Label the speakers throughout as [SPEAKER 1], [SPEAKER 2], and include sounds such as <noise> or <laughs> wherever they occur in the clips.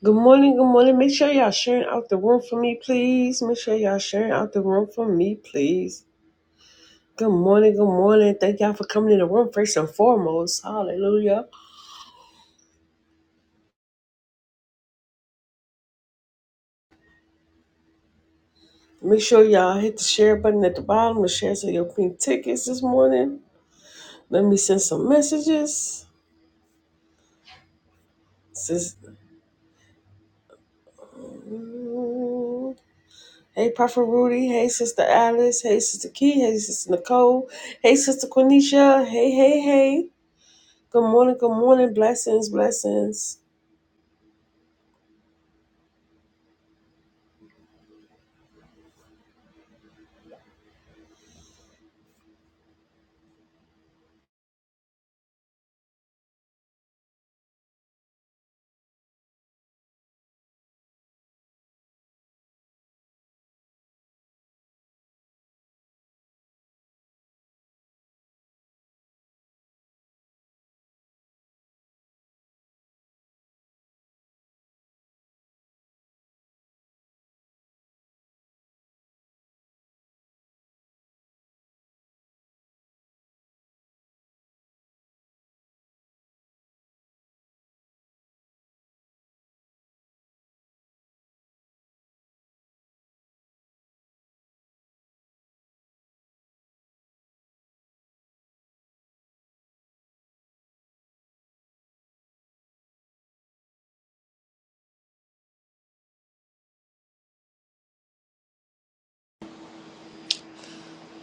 [SPEAKER 1] Good morning, good morning. Make sure y'all sharing out the room for me, please. Make sure y'all sharing out the room for me, please. Good morning, good morning. Thank y'all for coming in the room first and foremost. Hallelujah. Make sure y'all hit the share button at the bottom and share some of your pink tickets this morning. Let me send some messages. Sis- Hey, Prophet Rudy. Hey, Sister Alice. Hey, Sister Key. Hey, Sister Nicole. Hey, Sister Quenisha. Hey, hey, hey. Good morning, good morning. Blessings, blessings.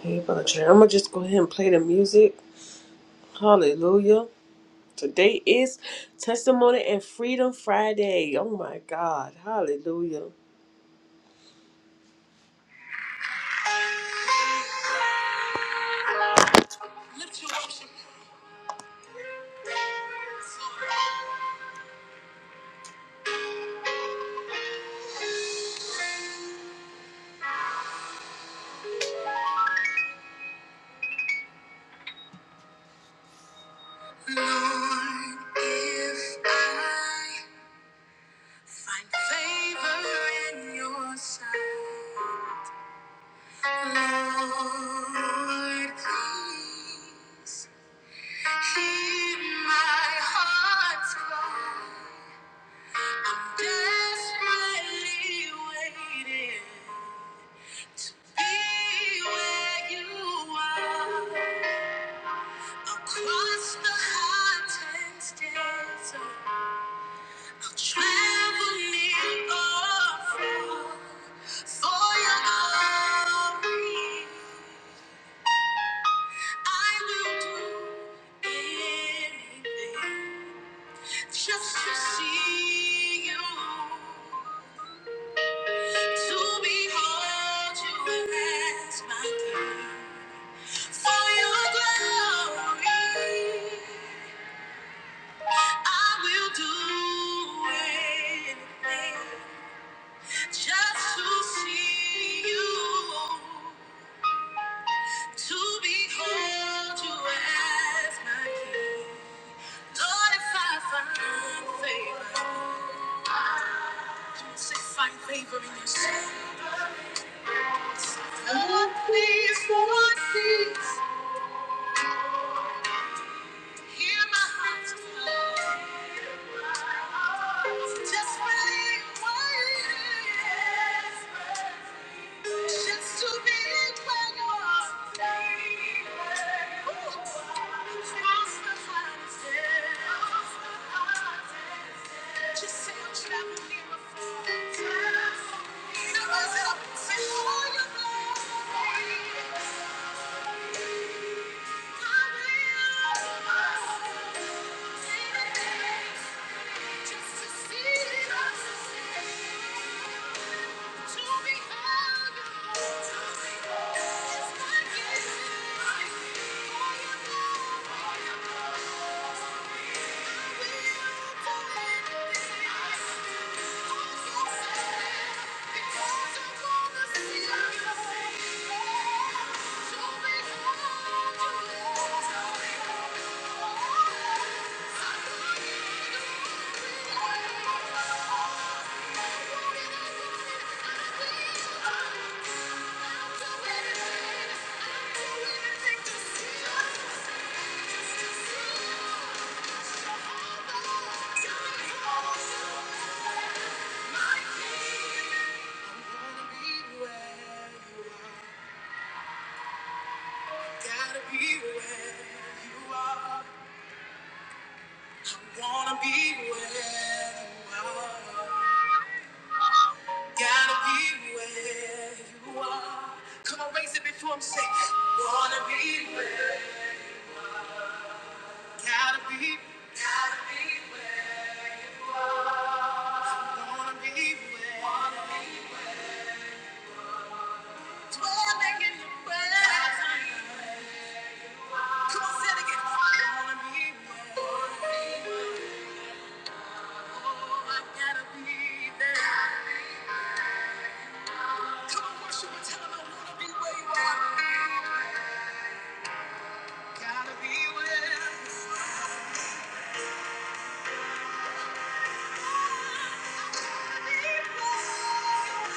[SPEAKER 1] Hey, Audrey, I'm gonna just go ahead and play the music. Hallelujah. Today is Testimony and Freedom Friday. Oh my God. Hallelujah. Lift your worship. Lord, if I find favor in your sight, Lord, please hear my heart's cry. I'm desperately waiting. Be where you are. Across the hot and desert, I'll travel near or far for your glory. I will do anything just to see you, to behold you as my king. For your glory, I will do anything just to see you, to behold you as my king. Lord, if I find favor, come on, say, find favor in your sight. Lord, please, Lord, please, hear my heart's cry. Just believe what it is. Just to be where you are. saved. Just say I'm traveling here before. Now raise it up and say, "Oh, you Just to see. it. Thank you. Gotta be where you are. I wanna be where you are. Gotta be where you are. Come on, raise it before him. Say, wanna be where Gotta be, gotta be well. Wanna be well. Dwelling in the presence. Come on, say it again. Wanna be well. Oh, I gotta be there. Come on, worship and tell 'em I wanna be where you are. Gotta be well. Gotta be well.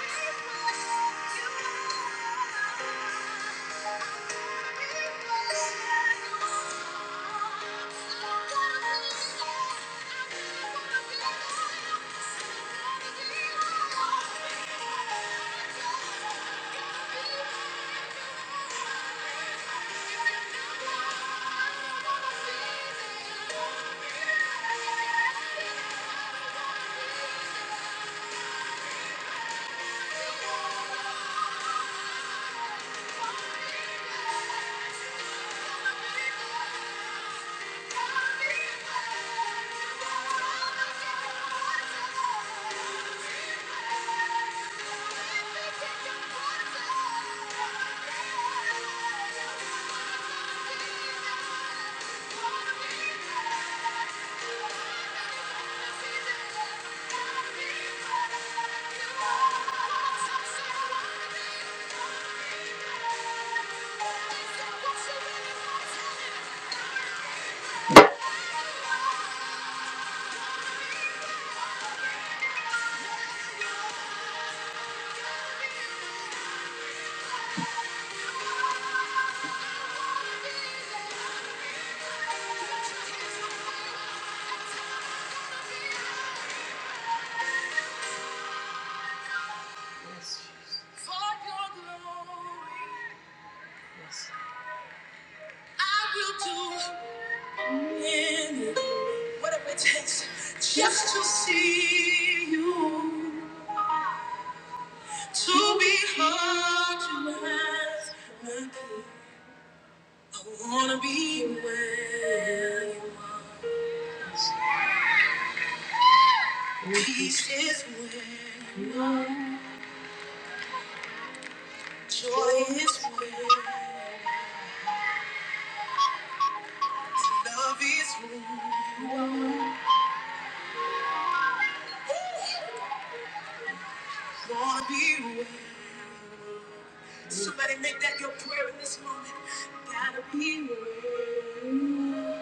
[SPEAKER 1] Gotta be well. Thank you. I will do anything. Whatever it takes, just to see you, to be hard you as my king. I wanna be where you are. Peace is where you are. Joy is where you are. Love is where you are. Ooh, wanna be where you are. Somebody make that your prayer in this moment. Gotta be where you are.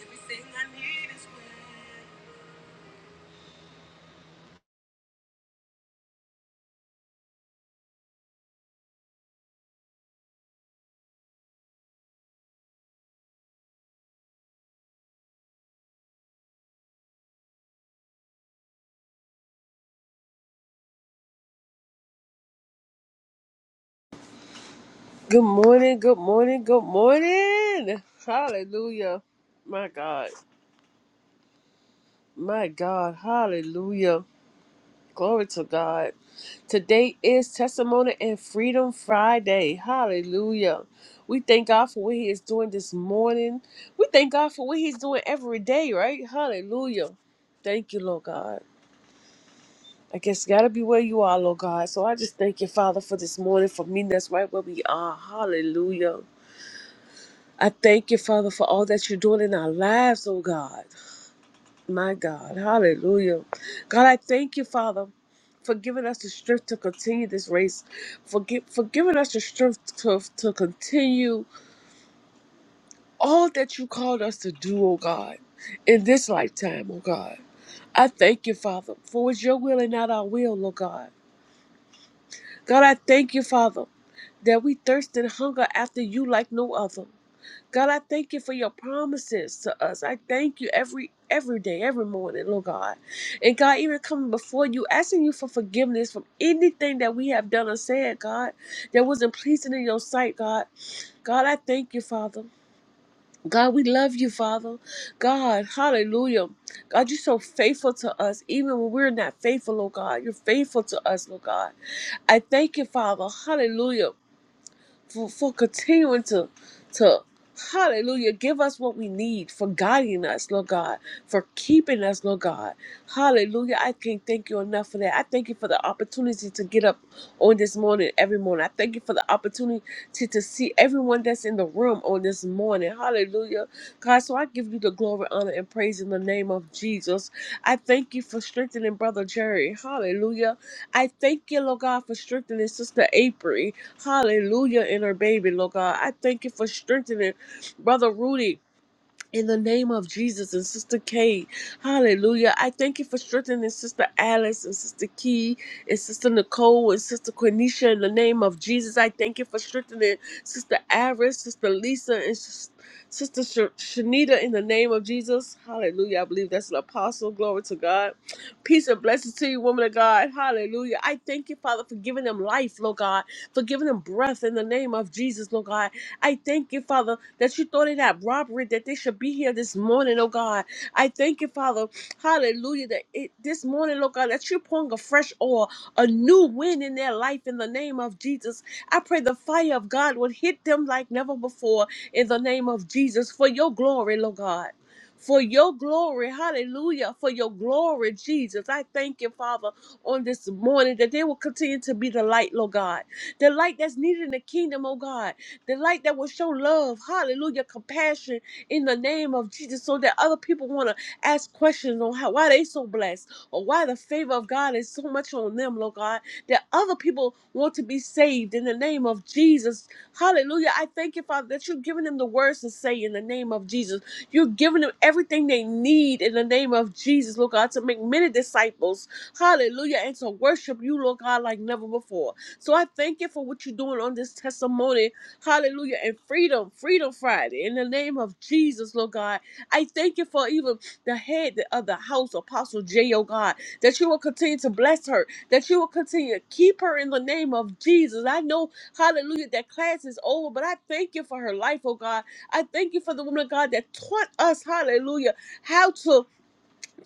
[SPEAKER 1] Everything I need is where you are. Good morning, good morning, good morning. Hallelujah. My God, my God, hallelujah. Glory to God. Today is Testimony and Freedom Friday. Hallelujah. We thank God for what He is doing this morning. We thank God for what He's doing every day, right? Hallelujah. Thank you, Lord God. I guess you gotta be where you are, Lord God. So I just thank you, Father, for this morning, for meeting us right where we are. Hallelujah. I thank you, Father, for all that you're doing in our lives, oh God. My God. Hallelujah. God, I thank you, Father, for giving us the strength to continue this race, for, gi- for giving us the strength to, to continue all that you called us to do, oh God, in this lifetime, oh God. I thank you, Father, for it's your will and not our will, oh God. God, I thank you, Father, that we thirst and hunger after you like no other. God, I thank you for your promises to us. I thank you every every day, every morning, Lord God. And God, even coming before you, asking you for forgiveness from anything that we have done or said, God, that wasn't pleasing in your sight, God. God, I thank you, Father. God, we love you, Father. God, hallelujah. God, you're so faithful to us, even when we're not faithful, Lord God. You're faithful to us, Lord God. I thank you, Father. Hallelujah for, for continuing to to hallelujah give us what we need for guiding us lord god for keeping us lord god hallelujah i can't thank you enough for that i thank you for the opportunity to get up on this morning every morning i thank you for the opportunity to, to see everyone that's in the room on this morning hallelujah god so i give you the glory honor and praise in the name of jesus i thank you for strengthening brother jerry hallelujah i thank you lord god for strengthening sister april Hallelujah in her baby, Lord God. I thank you for strengthening Brother Rudy in the name of Jesus and Sister Kate, hallelujah. I thank you for strengthening Sister Alice and Sister Key and Sister Nicole and Sister Quenisha in the name of Jesus. I thank you for strengthening Sister Iris, Sister Lisa, and Sis- Sister Sh- Shanita in the name of Jesus. Hallelujah. I believe that's an apostle. Glory to God. Peace and blessings to you, woman of God. Hallelujah. I thank you, Father, for giving them life, Lord God, for giving them breath in the name of Jesus, Lord God. I thank you, Father, that you thought in that robbery that they should be here this morning, oh God. I thank you, Father, hallelujah, that it, this morning, oh God, that you're pouring a fresh oil, a new wind in their life in the name of Jesus. I pray the fire of God would hit them like never before in the name of Jesus for your glory, Lord God for your glory. Hallelujah. For your glory, Jesus. I thank you, Father, on this morning that they will continue to be the light, Lord God. The light that's needed in the kingdom, oh God. The light that will show love, hallelujah, compassion in the name of Jesus so that other people want to ask questions on how why they so blessed or why the favor of God is so much on them, Lord God, that other people people want to be saved in the name of Jesus. Hallelujah. I thank you, Father, that you're giving them the words to say in the name of Jesus. You're giving them everything they need in the name of Jesus, Lord God, to make many disciples. Hallelujah. And to worship you, Lord God, like never before. So I thank you for what you're doing on this testimony. Hallelujah. And freedom, Freedom Friday, in the name of Jesus, Lord God. I thank you for even the head of the house, Apostle J, oh God, that you will continue to bless her that you will continue to keep her in the name of Jesus. I know, hallelujah, that class is over, but I thank you for her life, oh God. I thank you for the woman of God that taught us, hallelujah, how to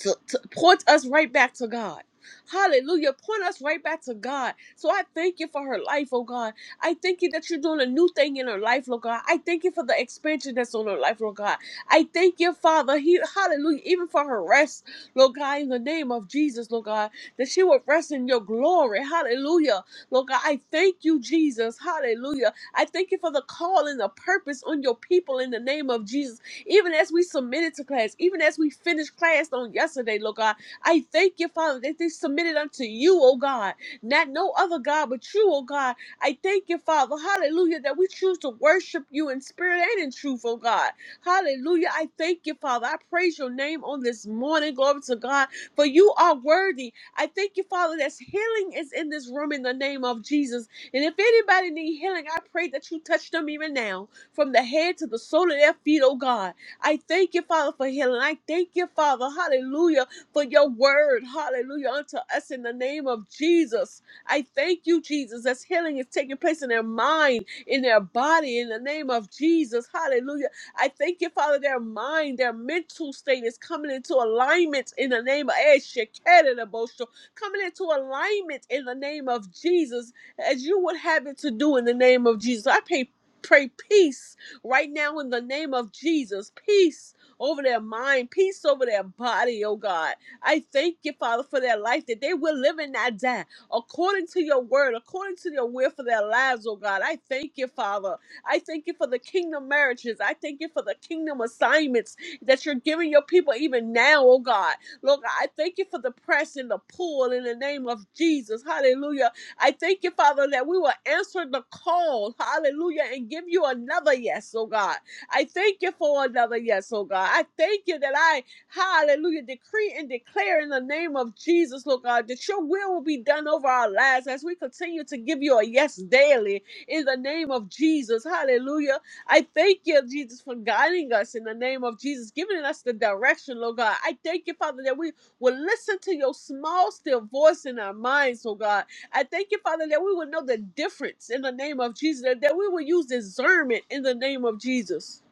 [SPEAKER 1] to, to point us right back to God. Hallelujah. Point us right back to God. So I thank you for her life, oh God. I thank you that you're doing a new thing in her life, Lord God. I thank you for the expansion that's on her life, Lord God. I thank you, Father. He, hallelujah. Even for her rest, Lord God, in the name of Jesus, Lord God, that she will rest in your glory. Hallelujah. Lord God, I thank you, Jesus. Hallelujah. I thank you for the call and the purpose on your people in the name of Jesus. Even as we submitted to class, even as we finished class on yesterday, Lord God, I thank you, Father, that they submitted unto you, oh God, not no other God but you, oh God. I thank you, Father, hallelujah, that we choose to worship you in spirit and in truth, oh God. Hallelujah. I thank you, Father. I praise your name on this morning. Glory to God, for you are worthy. I thank you, Father, that healing is in this room in the name of Jesus. And if anybody need healing, I pray that you touch them even now, from the head to the sole of their feet, oh God. I thank you, Father, for healing. I thank you, Father, hallelujah, for your word, hallelujah, unto us in the name of Jesus. I thank you, Jesus, as healing is taking place in their mind, in their body, in the name of Jesus, hallelujah. I thank you, Father, their mind, their mental state is coming into alignment in the name of Eshekerabosho, coming into alignment in the name of Jesus, as you would have it to do in the name of Jesus. I pray, pray peace right now in the name of Jesus. Peace over their mind, peace over their body, oh God. I thank you, Father, for their life that they will live and not die according to your word, according to your will for their lives, oh God. I thank you, Father. I thank you for the kingdom marriages. I thank you for the kingdom assignments that you're giving your people even now, oh God. Lord, I thank you for the press and the pull in the name of Jesus. Hallelujah I thank you, Father, that we will answer the call. Hallelujah. And give you another yes, oh God. I thank you for another yes, oh God. I thank you that I, hallelujah, decree and declare in the name of Jesus, Lord God, that your will will be done over our lives as we continue to give you a yes daily in the name of Jesus. Hallelujah. I thank you, Jesus, for guiding us in the name of Jesus, giving us the direction, Lord God. I thank you, Father, that we will listen to your small, still voice in our minds, oh God I thank you, Father, that we will know the difference in the name of Jesus, that, that we will use discernment in the name of Jesus.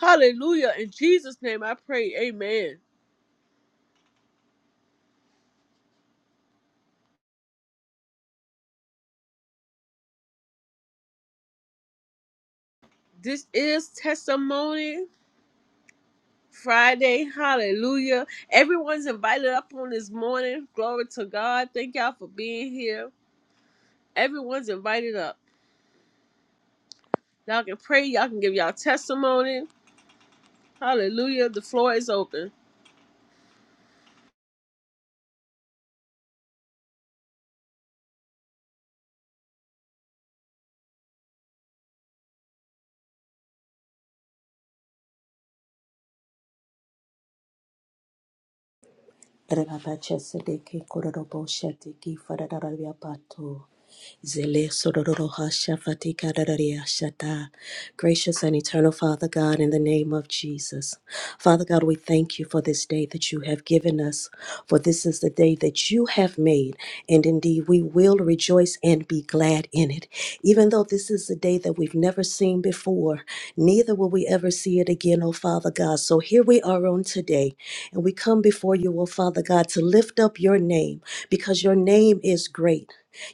[SPEAKER 1] Hallelujah. In Jesus' name I pray. Amen. This is Testimony Friday. Hallelujah. Everyone's invited up on this morning. Glory to God. Thank y'all for being here. Everyone's invited up. Y'all can pray. Y'all can give y'all testimony. Hallelujah. The floor is open.
[SPEAKER 2] Rana Bacha Sadeke Kororo Bosheti Ki Farada Rabia Pato. Zele sororo hasha fatika dararia shata. Gracious and eternal Father God, in the name of Jesus. Father God, we thank you for this day that you have given us, for this is the day that you have made, and indeed we will rejoice and be glad in it. Even though this is a day that we've never seen before, neither will we ever see it again, O Father God. So here we are on today, and we come before you, O Father God, to lift up your name because your name is great.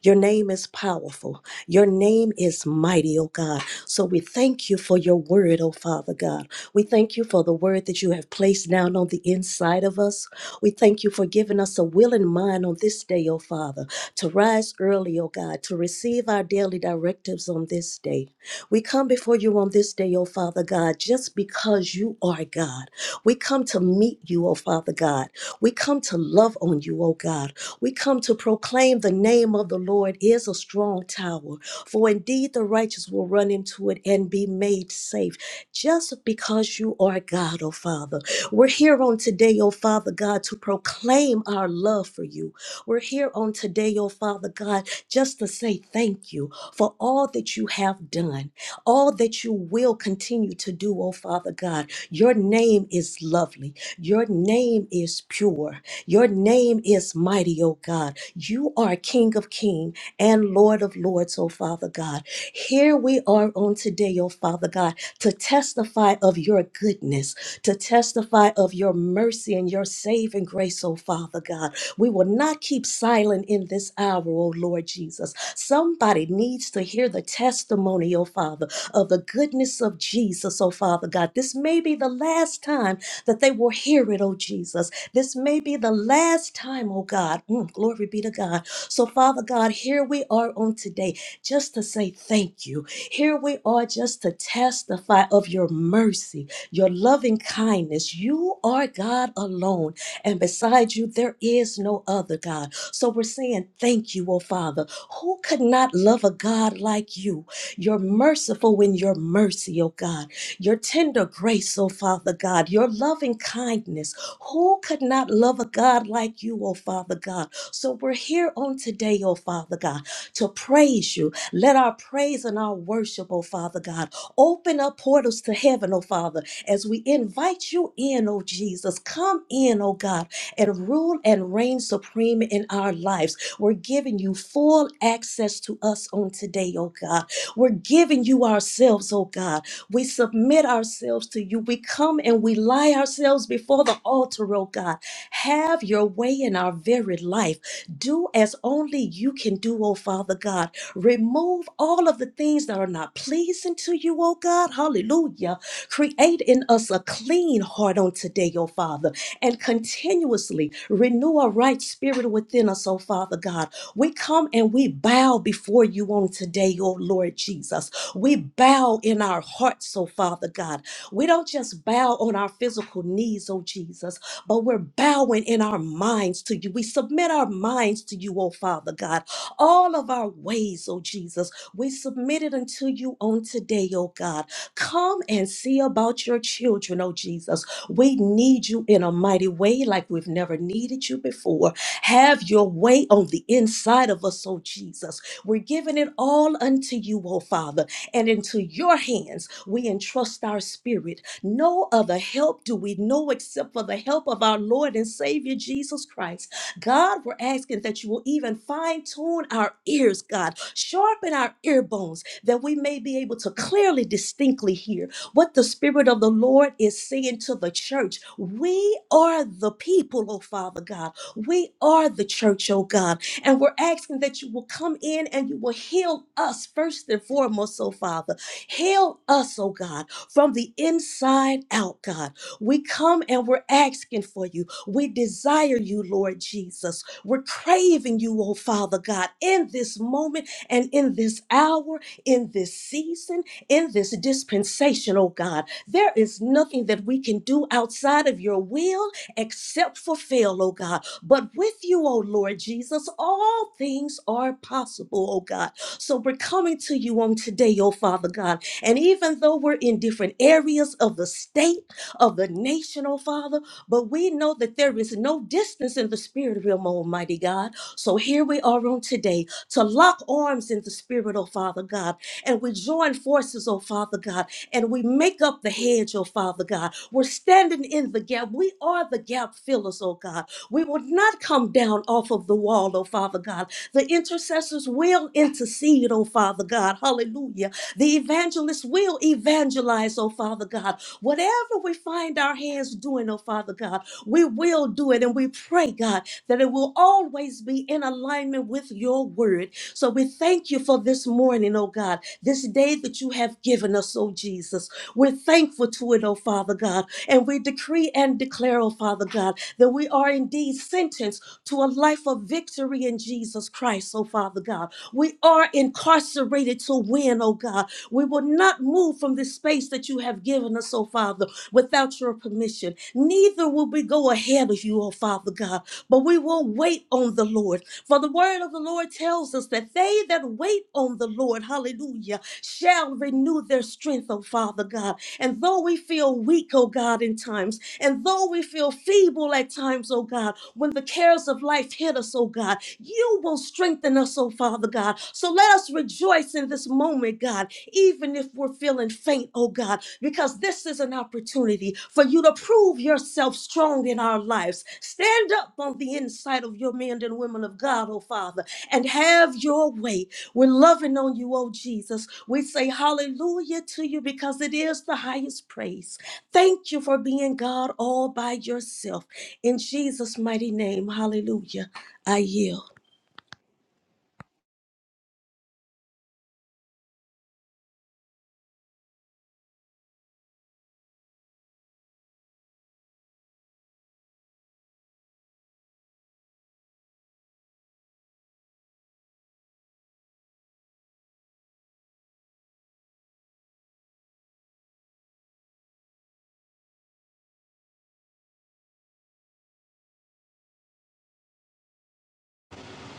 [SPEAKER 2] Your name is powerful. Your name is mighty, oh God. So we thank you for your word, oh Father God. We thank you for the word that you have placed down on the inside of us. We thank you for giving us a willing mind on this day, oh Father, to rise early, oh God, to receive our daily directives on this day. We come before you on this day, oh Father God, just because you are God. We come to meet you, O Father God. We come to love on you, O God. We come to proclaim the name of the Lord is a strong tower. For indeed the righteous will run into it and be made safe. Just because you are God, O Father. We're here on today, O Father God, to proclaim our love for you. We're here on today, O Father God, just to say thank you for all that you have done all that you will continue to do, oh Father God. Your name is lovely. Your name is pure. Your name is mighty, oh God. You are King of King and Lord of Lords, oh Father God. Here we are on today, oh Father God, to testify of your goodness, to testify of your mercy and your saving grace, oh Father God. We will not keep silent in this hour, oh Lord Jesus. Somebody needs to hear the testimony, oh Father, of the goodness of Jesus, oh Father God. This may be the last time that they will hear it, oh Jesus. This may be the last time, oh God. Mm, glory be to God. So, Father God, here we are on today just to say thank you. Here we are just to testify of your mercy, your loving kindness. You are God alone and beside you there is no other God. So we're saying thank you, oh Father. Who could not love a God like you? You're merciful in your mercy, oh God. Your tender grace, oh Father God. Your loving kindness. Who could not love a God like you, oh Father God? So we're here on today, oh Father God to praise you. Let our praise and our worship, oh Father God, open up portals to heaven, oh Father, as we invite you in, oh Jesus. Come in, oh God, and rule and reign supreme in our lives. We're giving you full access to us on today, oh God. We're giving you ourselves, oh God. We submit ourselves to you. We come and we lie ourselves before the altar, oh God have your way in our very life. Do as only you can do, oh Father God. Remove all of the things that are not pleasing to you, oh God. Hallelujah. Create in us a clean heart on today, oh Father, and continuously renew a right spirit within us, oh Father God. We come and we bow before you on today, oh Lord Jesus. We bow in our hearts, oh Father God. We don't just bow on our physical knees, oh Jesus but we're bowing in our minds to you. We submit our minds to you, oh Father God. All of our ways, oh Jesus, we submit it unto you on today, oh God. Come and see about your children, oh Jesus. We need you in a mighty way like we've never needed you before. Have your way on the inside of us, oh Jesus. We're giving it all unto you, oh Father, and into your hands we entrust our spirit no other help do we know except for the help of our Lord and Savior Jesus Christ. God, we're asking that you will even fine tune our ears, God, sharpen our ear bones that we may be able to clearly, distinctly hear what the Spirit of the Lord is saying to the church. We are the people, oh Father God. We are the church, oh God. And we're asking that you will come in and you will heal us first and foremost, oh Father. Heal us, oh God from the inside out, God. We come and we're asking for you. We desire you, Lord Jesus. We're craving you, oh Father God, in this moment and in this hour, in this season, in this dispensation, oh God. There is nothing that we can do outside of your will except fulfill, fail, oh God. But with you, oh Lord Jesus, all things are possible, oh God. So we're coming to you on today, oh Father God and even though we're in different areas of the state, of the nation, oh Father, but we know that there is no distance in the spirit realm, Almighty God. So here we are on today to lock arms in the spirit, oh Father God. And we join forces, oh Father God, and we make up the hedge, oh Father God. We're standing in the gap. We are the gap fillers, oh God. We will not come down off of the wall, oh Father God. The intercessors will intercede, oh Father God. Hallelujah the evangelist will evangelize, oh Father God. Whatever we find our hands doing, oh Father God, we will do it. And we pray, God, that it will always be in alignment with your word so we thank you for this morning, oh God, this day that you have given us, oh Jesus. We're thankful to it, oh Father God. And we decree and declare, oh Father God, that we are indeed sentenced to a life of victory in Jesus Christ, oh Father God. We are incarcerated to win, oh God. We will not move from this space that you have given us, oh Father, without your permission. Neither will we go ahead of you, oh Father God, but we will wait on the Lord. For the word of the Lord tells us that they that wait on the Lord, hallelujah, shall renew their strength, oh Father God. And though we feel weak, oh God, in times, and though we feel feeble at times, oh God, when the cares of life hit us, oh God, you will strengthen us, oh Father God. So let us rejoice in this moment, God, even if we're feeling faint, oh God, because this is an opportunity for you to prove yourself strong in our lives. Stand up on the inside of your men and women of God, oh Father, and have your way. We're loving on you, oh Jesus. We say hallelujah to you because it is the highest praise. Thank you for being God all by yourself. In Jesus' mighty name, hallelujah. I yield.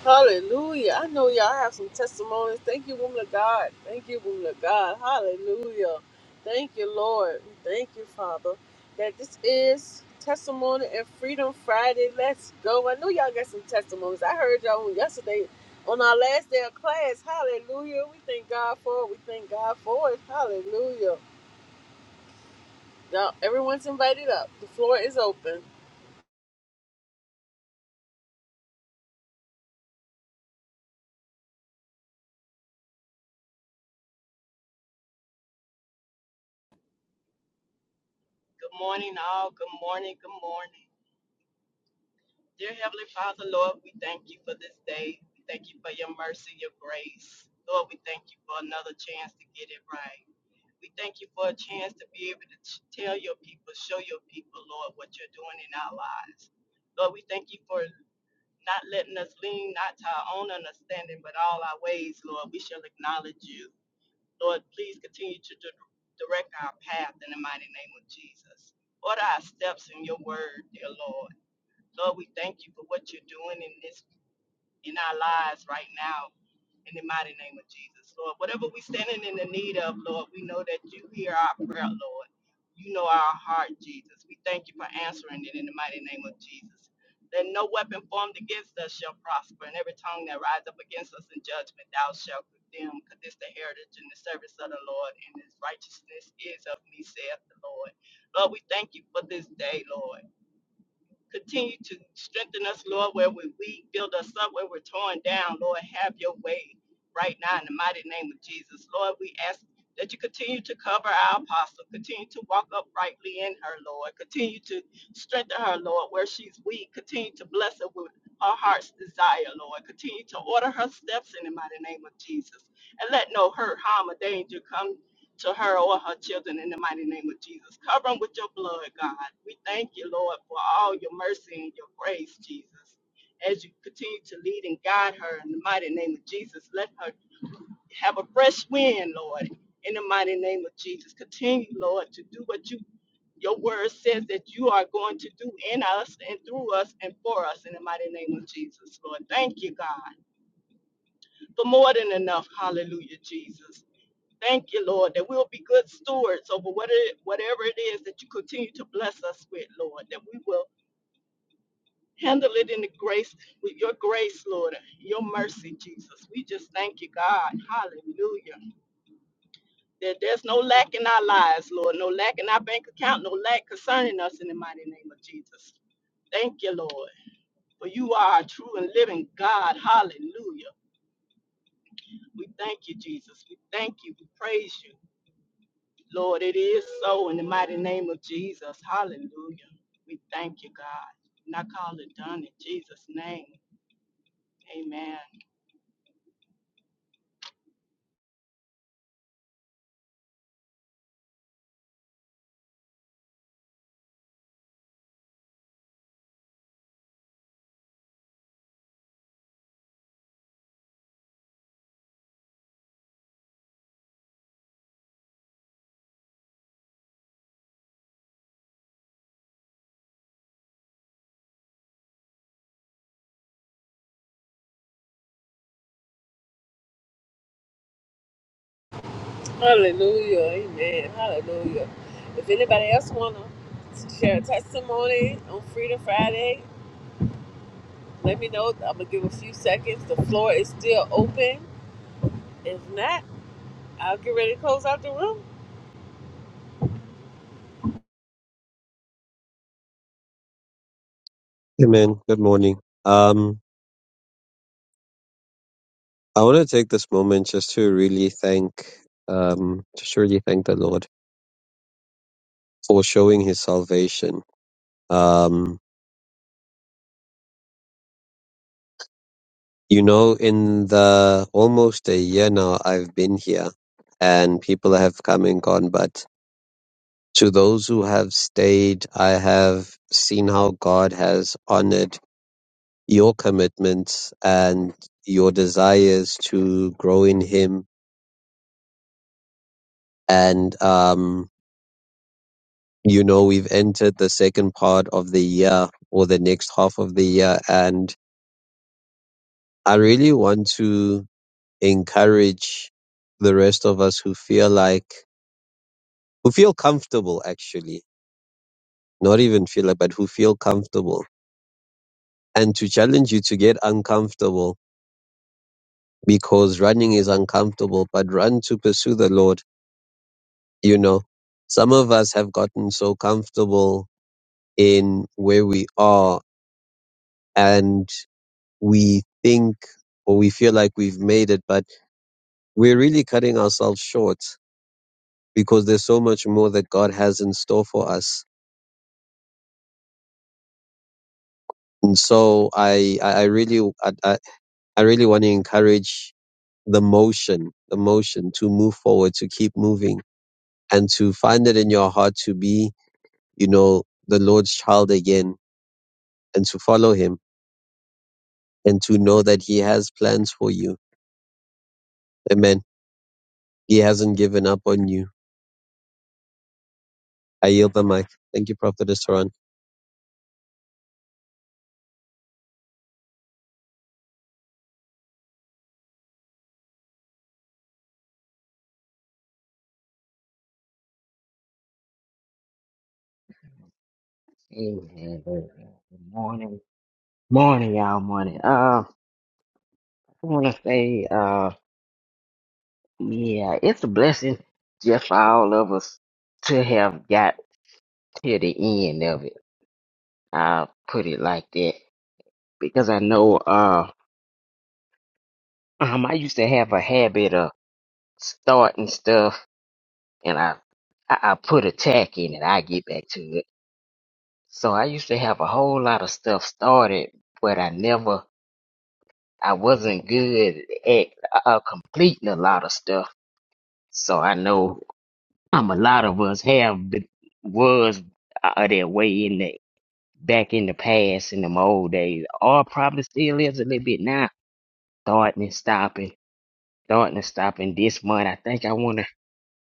[SPEAKER 1] Hallelujah. I know y'all have some testimonies. Thank you, woman of God. Thank you, woman of God. Hallelujah. Thank you, Lord. Thank you, Father, that this is Testimony and Freedom Friday. Let's go. I know y'all got some testimonies. I heard y'all on yesterday on our last day of class. Hallelujah. We thank God for it. We thank God for it. Hallelujah. Y'all, everyone's invited up. The floor is open.
[SPEAKER 3] Good morning, all. Good morning. Good morning. Dear Heavenly Father, Lord, we thank you for this day. We thank you for your mercy, your grace. Lord, we thank you for another chance to get it right. We thank you for a chance to be able to t- tell your people, show your people, Lord, what you're doing in our lives. Lord, we thank you for not letting us lean not to our own understanding, but all our ways, Lord. We shall acknowledge you. Lord, please continue to di- direct our path in the mighty name of Jesus. Order our steps in your word, dear Lord. Lord, we thank you for what you're doing in this in our lives right now in the mighty name of Jesus, Lord. Whatever we standing in the need of, Lord, we know that you hear our prayer, Lord. You know our heart, Jesus. We thank you for answering it in the mighty name of Jesus. That no weapon formed against us shall prosper, and every tongue that rise up against us in judgment thou shalt condemn. Because this the heritage and the service of the Lord, and his righteousness is of me, saith the Lord. Lord, we thank you for this day, Lord. Continue to strengthen us, Lord, where we're weak. Build us up where we're torn down. Lord, have your way right now in the mighty name of Jesus. Lord, we ask that you continue to cover our apostle. Continue to walk uprightly in her, Lord. Continue to strengthen her, Lord, where she's weak. Continue to bless her with her heart's desire, Lord. Continue to order her steps in the mighty name of Jesus. And let no hurt, harm, or danger come to her or her children in the mighty name of Jesus. Cover them with your blood, God. We thank you, Lord, for all your mercy and your grace, Jesus. As you continue to lead and guide her in the mighty name of Jesus, let her have a fresh wind, Lord, in the mighty name of Jesus. Continue, Lord, to do what you your word says that you are going to do in us and through us and for us in the mighty name of Jesus, Lord. Thank you, God, for more than enough. Hallelujah, Jesus. Thank you, Lord, that we'll be good stewards over what it, whatever it is that you continue to bless us with, Lord, that we will handle it in the grace, with your grace, Lord, your mercy, Jesus. We just thank you, God. Hallelujah. That there's no lack in our lives, Lord, no lack in our bank account, no lack concerning us in the mighty name of Jesus. Thank you, Lord, for you are a true and living God. Hallelujah. We thank you, Jesus. We thank you. We praise you. Lord, it is so in the mighty name of Jesus. Hallelujah. We thank you, God. And I call it done in Jesus' name. Amen.
[SPEAKER 1] Hallelujah. Amen. Hallelujah. If anybody else wanna share a testimony on Freedom Friday, let me know. I'm gonna give a few seconds. The floor is still open. If not, I'll get ready to close out the room.
[SPEAKER 4] Hey man, good morning. Um, I want to take this moment just to really thank, um, just really thank the Lord for showing His salvation. Um, you know, in the almost a year now I've been here, and people have come and gone, but to those who have stayed, I have seen how God has honored your commitments and your desires to grow in Him and um you know, we've entered the second part of the year or the next half of the year. And I really want to encourage the rest of us who feel like, who feel comfortable actually, not even feel like, but who feel comfortable and to challenge you to get uncomfortable because running is uncomfortable, but run to pursue the Lord. You know, some of us have gotten so comfortable in where we are and. we think or we feel like we've made it, but we're really cutting ourselves short because there's so much more that God has in store for us. And so I, I I really, I, I I really want to encourage the motion, the motion to move forward, to keep moving and to find it in your heart to be, you know, the Lord's child again and to follow him and to know that he has plans for you. Amen. He hasn't given up on you. I yield the mic. Thank you, Prophet Turan.
[SPEAKER 5] Evening, good morning, morning, y'all, morning. Uh, I want to say, uh, yeah, it's a blessing just for all of us to have got to the end of it. I'll put it like that because I know, uh, um, I used to have a habit of starting stuff and I, I, I put a tack in it. I get back to it. So I used to have a whole lot of stuff started, but I never, I wasn't good at uh, completing a lot of stuff So I know um, a lot of us have been, was uh, that way in the back in the past in them old days, or probably still is a little bit now. Starting and stopping, starting and stopping. This month, I think I want to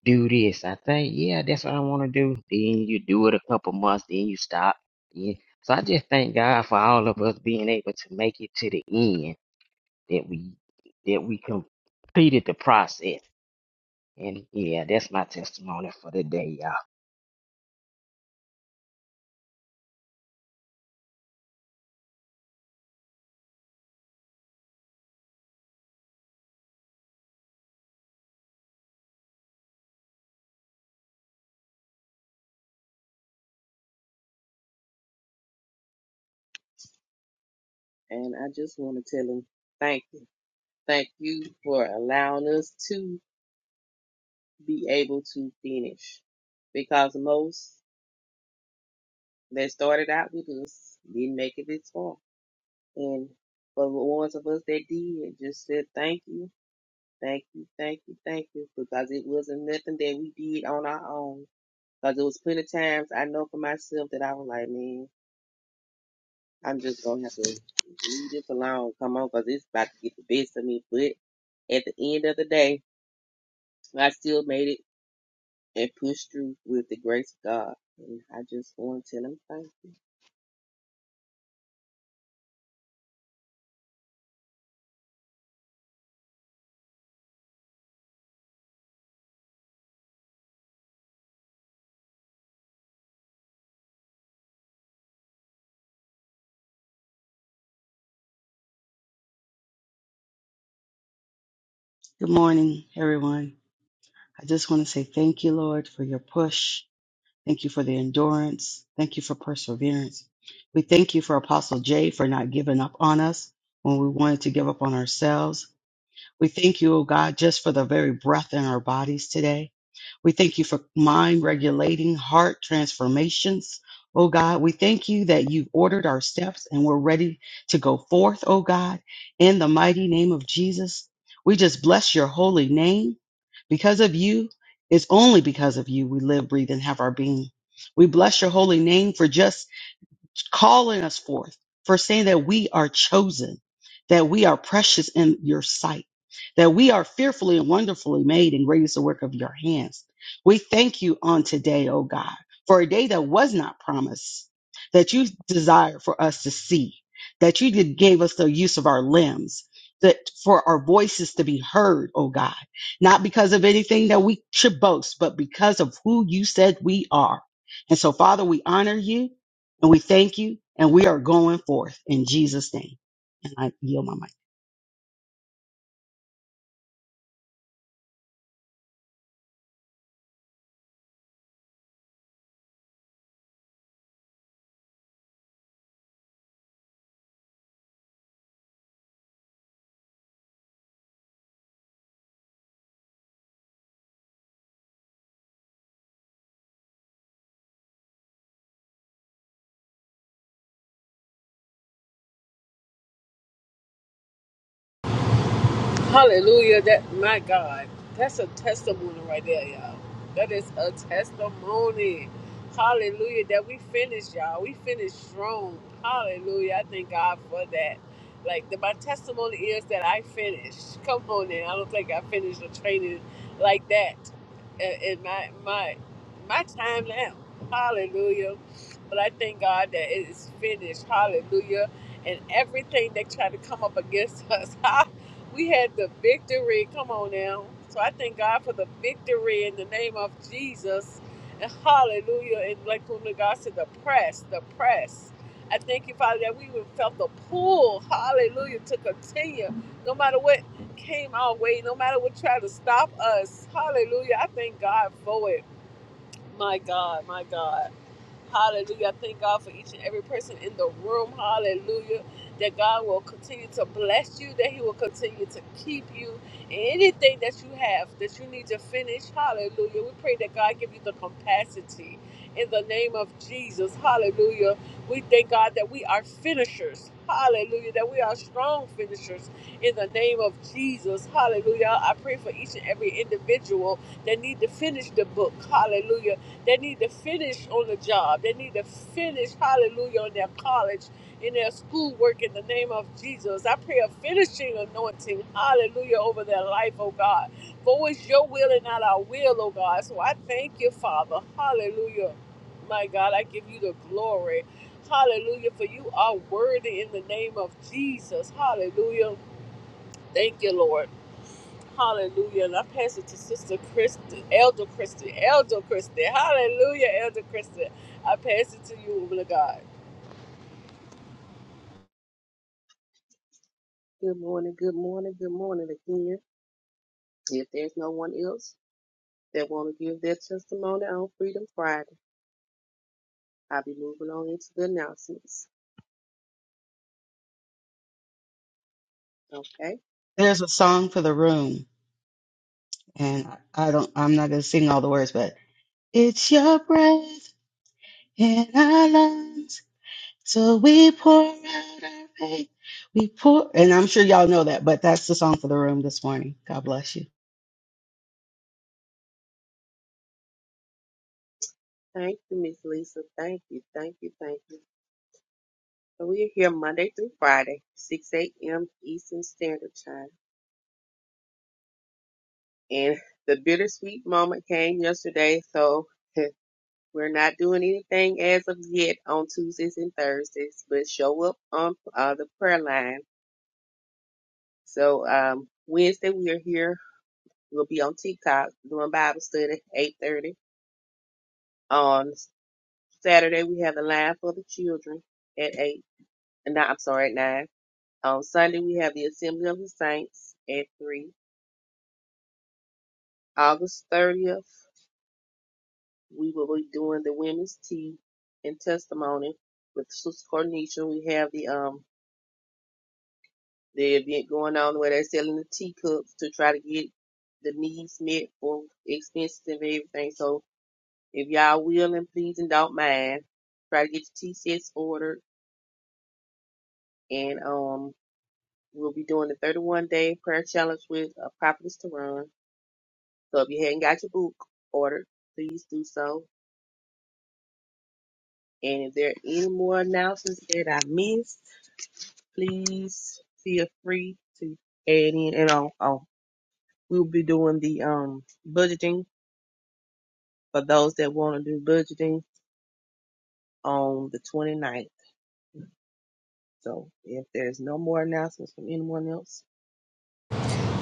[SPEAKER 5] do this. I think yeah, that's what I want to do. Then you do it a couple months, then you stop. Yeah. So I just thank God for all of us being able to make it to the end that we that we completed the process. And yeah, that's my testimony for the day, y'all.
[SPEAKER 6] And I just want to tell him thank you. Thank you for allowing us to be able to finish because most that started out with us didn't make it this far. And for the ones of us that did, just said thank you, thank you, thank you, thank you because it wasn't nothing that we did on our own. Because it was plenty of times I know for myself that I was like, man, I'm just going to have to leave this alone. Come on, because it's about to get the best of me. But at the end of the day, I still made it and pushed through with the grace of God. And I just want to tell him thank you.
[SPEAKER 7] Good morning, everyone. I just want to say thank you, Lord, for your push. Thank you for the endurance. Thank you for perseverance. We thank you for Apostle Jay for not giving up on us when we wanted to give up on ourselves. We thank you, oh God, just for the very breath in our bodies today. We thank you for mind regulating heart transformations. Oh God, we thank you that you've ordered our steps and we're ready to go forth, oh God, in the mighty name of Jesus. We just bless your holy name because of you. It's only because of you we live, breathe, and have our being. We bless your holy name for just calling us forth, for saying that we are chosen, that we are precious in your sight, that we are fearfully and wonderfully made and great is the work of your hands. We thank you on today, O God, for a day that was not promised, that you desired for us to see, that you did gave us the use of our limbs. That for our voices to be heard, O God, not because of anything that we should boast, but because of who you said we are. And so, Father, we honor you and we thank you, and we are going forth in Jesus' name. And I yield my mic.
[SPEAKER 1] Hallelujah. That my God. That's a testimony right there, y'all. That is a testimony. Hallelujah. That we finished, y'all. We finished strong. Hallelujah. I thank God for that. Like the, my testimony is that I finished. Come on now. I don't think I finished the training like that in in my my my time now. Hallelujah. But I thank God that it is finished. Hallelujah. And everything that tried to come up against us. <laughs> We had the victory. Come on now. So I thank God for the victory in the name of Jesus. And hallelujah. And like woman God said, the press, the press. I thank you, Father, that we even felt the pull, hallelujah, to continue. No matter what came our way, no matter what tried to stop us, hallelujah. I thank God for it. My God, my God. Hallelujah. I Thank God for each and every person in the room. Hallelujah. That God will continue to bless you, that He will continue to keep you. And anything that you have that you need to finish, hallelujah. We pray that God give you the capacity in the name of Jesus. Hallelujah. We thank God that we are finishers. Hallelujah. That we are strong finishers in the name of Jesus. Hallelujah. I pray for each and every individual that need to finish the book. Hallelujah they need to finish on the job. They need to finish, hallelujah, on their college, in their schoolwork in the name of Jesus. I pray a finishing anointing, hallelujah, over their life, oh God. For it's your will and not our will, oh God. So I thank you, Father. Hallelujah. My God, I give you the glory. Hallelujah. For you are worthy in the name of Jesus. Hallelujah. Thank you, Lord. Hallelujah. And I pass it to Sister Kristen, Elder Kristen, Elder Kristen. Hallelujah, Elder Kristen. I pass it to you, woman of God.
[SPEAKER 6] Good morning, good morning, good morning again. If there's no one else that want to give their testimony on Freedom Friday, I'll be moving on into the announcements. Okay?
[SPEAKER 7] There's a song for the room, and I I don't, I'm not going to sing all the words, but it's your breath in our lungs. So we pour out our faith. We pour, and I'm sure y'all know that, but that's the song for the room this morning. God bless you.
[SPEAKER 6] Thank you, Miss Lisa. Thank you, thank you, thank you. So we are here Monday through Friday, 6 a.m. Eastern Standard Time. And the bittersweet moment came yesterday, so <laughs> We're not doing anything as of yet on Tuesdays and Thursdays, but show up on uh, the prayer line. So um, Wednesday we are here. We'll be on TikTok doing Bible study eight thirty. On Saturday we have the line for the children at eight. No, I'm sorry, at nine. On Sunday we have the Assembly of the Saints at three. August thirtieth we will be doing the women's tea and testimony with Sister Cornisha. We have the um the event going on where they're selling the teacups to try to get the needs met for expenses and everything. So if y'all will and please and don't mind, try to get your tea sets ordered and um we'll be doing the 31 day prayer challenge with a prophetess to So if you hadn't got your book ordered, please do so. And if there are any more announcements that I missed, please feel free to add in. And oh, oh we'll be doing the um budgeting for those that want to do budgeting on the twenty ninth. So if there's no more announcements from anyone else,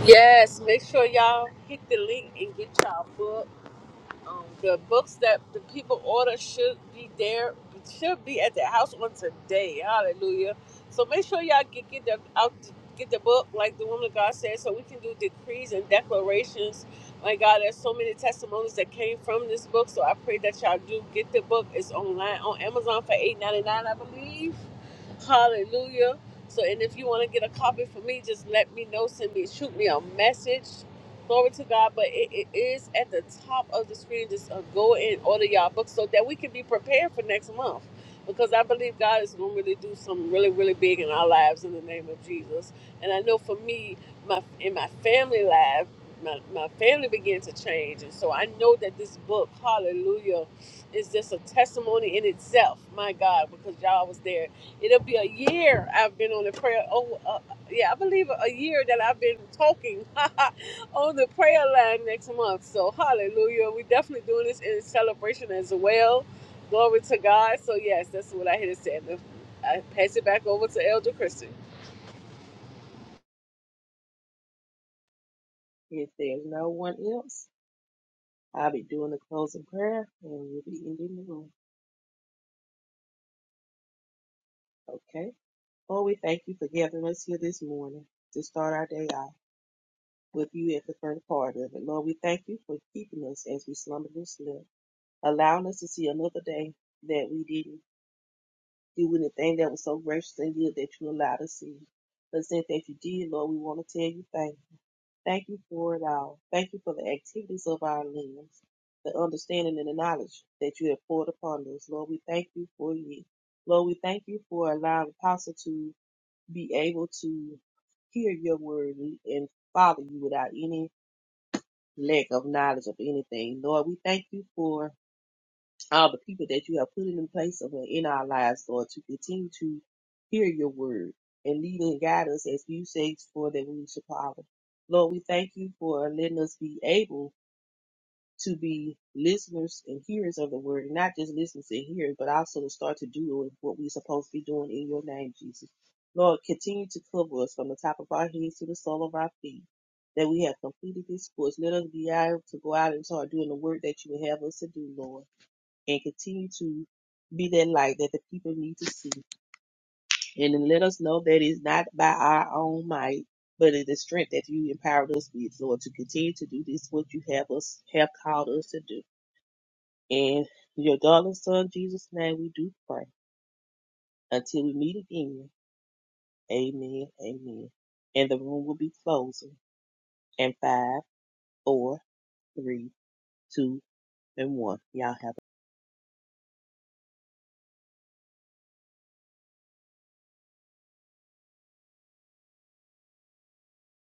[SPEAKER 1] Yes, make sure y'all hit the link and get y'all book. Um, the books that the people order should be there, should be at their house on today. Hallelujah. So make sure y'all get get the out, get the book like the woman of God said, so we can do decrees and declarations. My God, there's so many testimonies that came from this book. So I pray that y'all do get the book. It's online on Amazon for eight ninety nine, I believe. Hallelujah. So, and if you want to get a copy for me, just let me know. Send me, shoot me a message. Glory to God, but it, it is at the top of the screen. Just uh, go and order y'all books so that we can be prepared for next month. Because I believe God is going to really do something really, really big in our lives in the name of Jesus. And I know for me, my in my family life, my, my family began to change. And so I know that this book, hallelujah, is just a testimony in itself. My God, because y'all was there. It'll be a year I've been on the prayer. Oh, uh, yeah, I believe a year that I've been talking. <laughs> on the prayer line next month. So hallelujah. We're definitely doing this in celebration as well. Glory to God. So yes, that's what I had to say. And I pass it back over to Elder Christian.
[SPEAKER 6] if there's no one else, I'll be doing the closing prayer and we'll be ending the room. Okay? Lord, we thank you for gathering us here this morning to start our day off with you at the first part of it. Lord, we thank you for keeping us as we slumbered and slept, allowing us to see another day that we didn't do anything that was so gracious and good that you allowed us to see. But since that you did, Lord, we want to tell you thank Thank you for it all. Thank you for the activities of our limbs, the understanding and the knowledge that you have poured upon us. Lord, we thank you for you. Lord, we thank you for allowing the Apostle to be able to hear your word and follow you without any lack of knowledge of anything. Lord, we thank you for all the people that you have put in place of- in our lives, Lord, to continue to hear your word and lead and guide us as you say for that we should follow. Lord, we thank you for letting us be able to be listeners and hearers of the word, and not just listeners and hearers, but also to start to do what we're supposed to be doing in your name, Jesus. Lord, continue to cover us from the top of our heads to the sole of our feet. That we have completed this course. Let us be able to go out and start doing the work that you would have us to do, Lord and continue to be that light that the people need to see. And then let us know that it's not by our own might, but it's the strength that you empowered us with, Lord, to continue to do this, what you have us have called us to do. In your darling son, Jesus' name, we do pray. Until we meet again, amen, amen. And the room will be closing in five, four, three, two, and one. Y'all have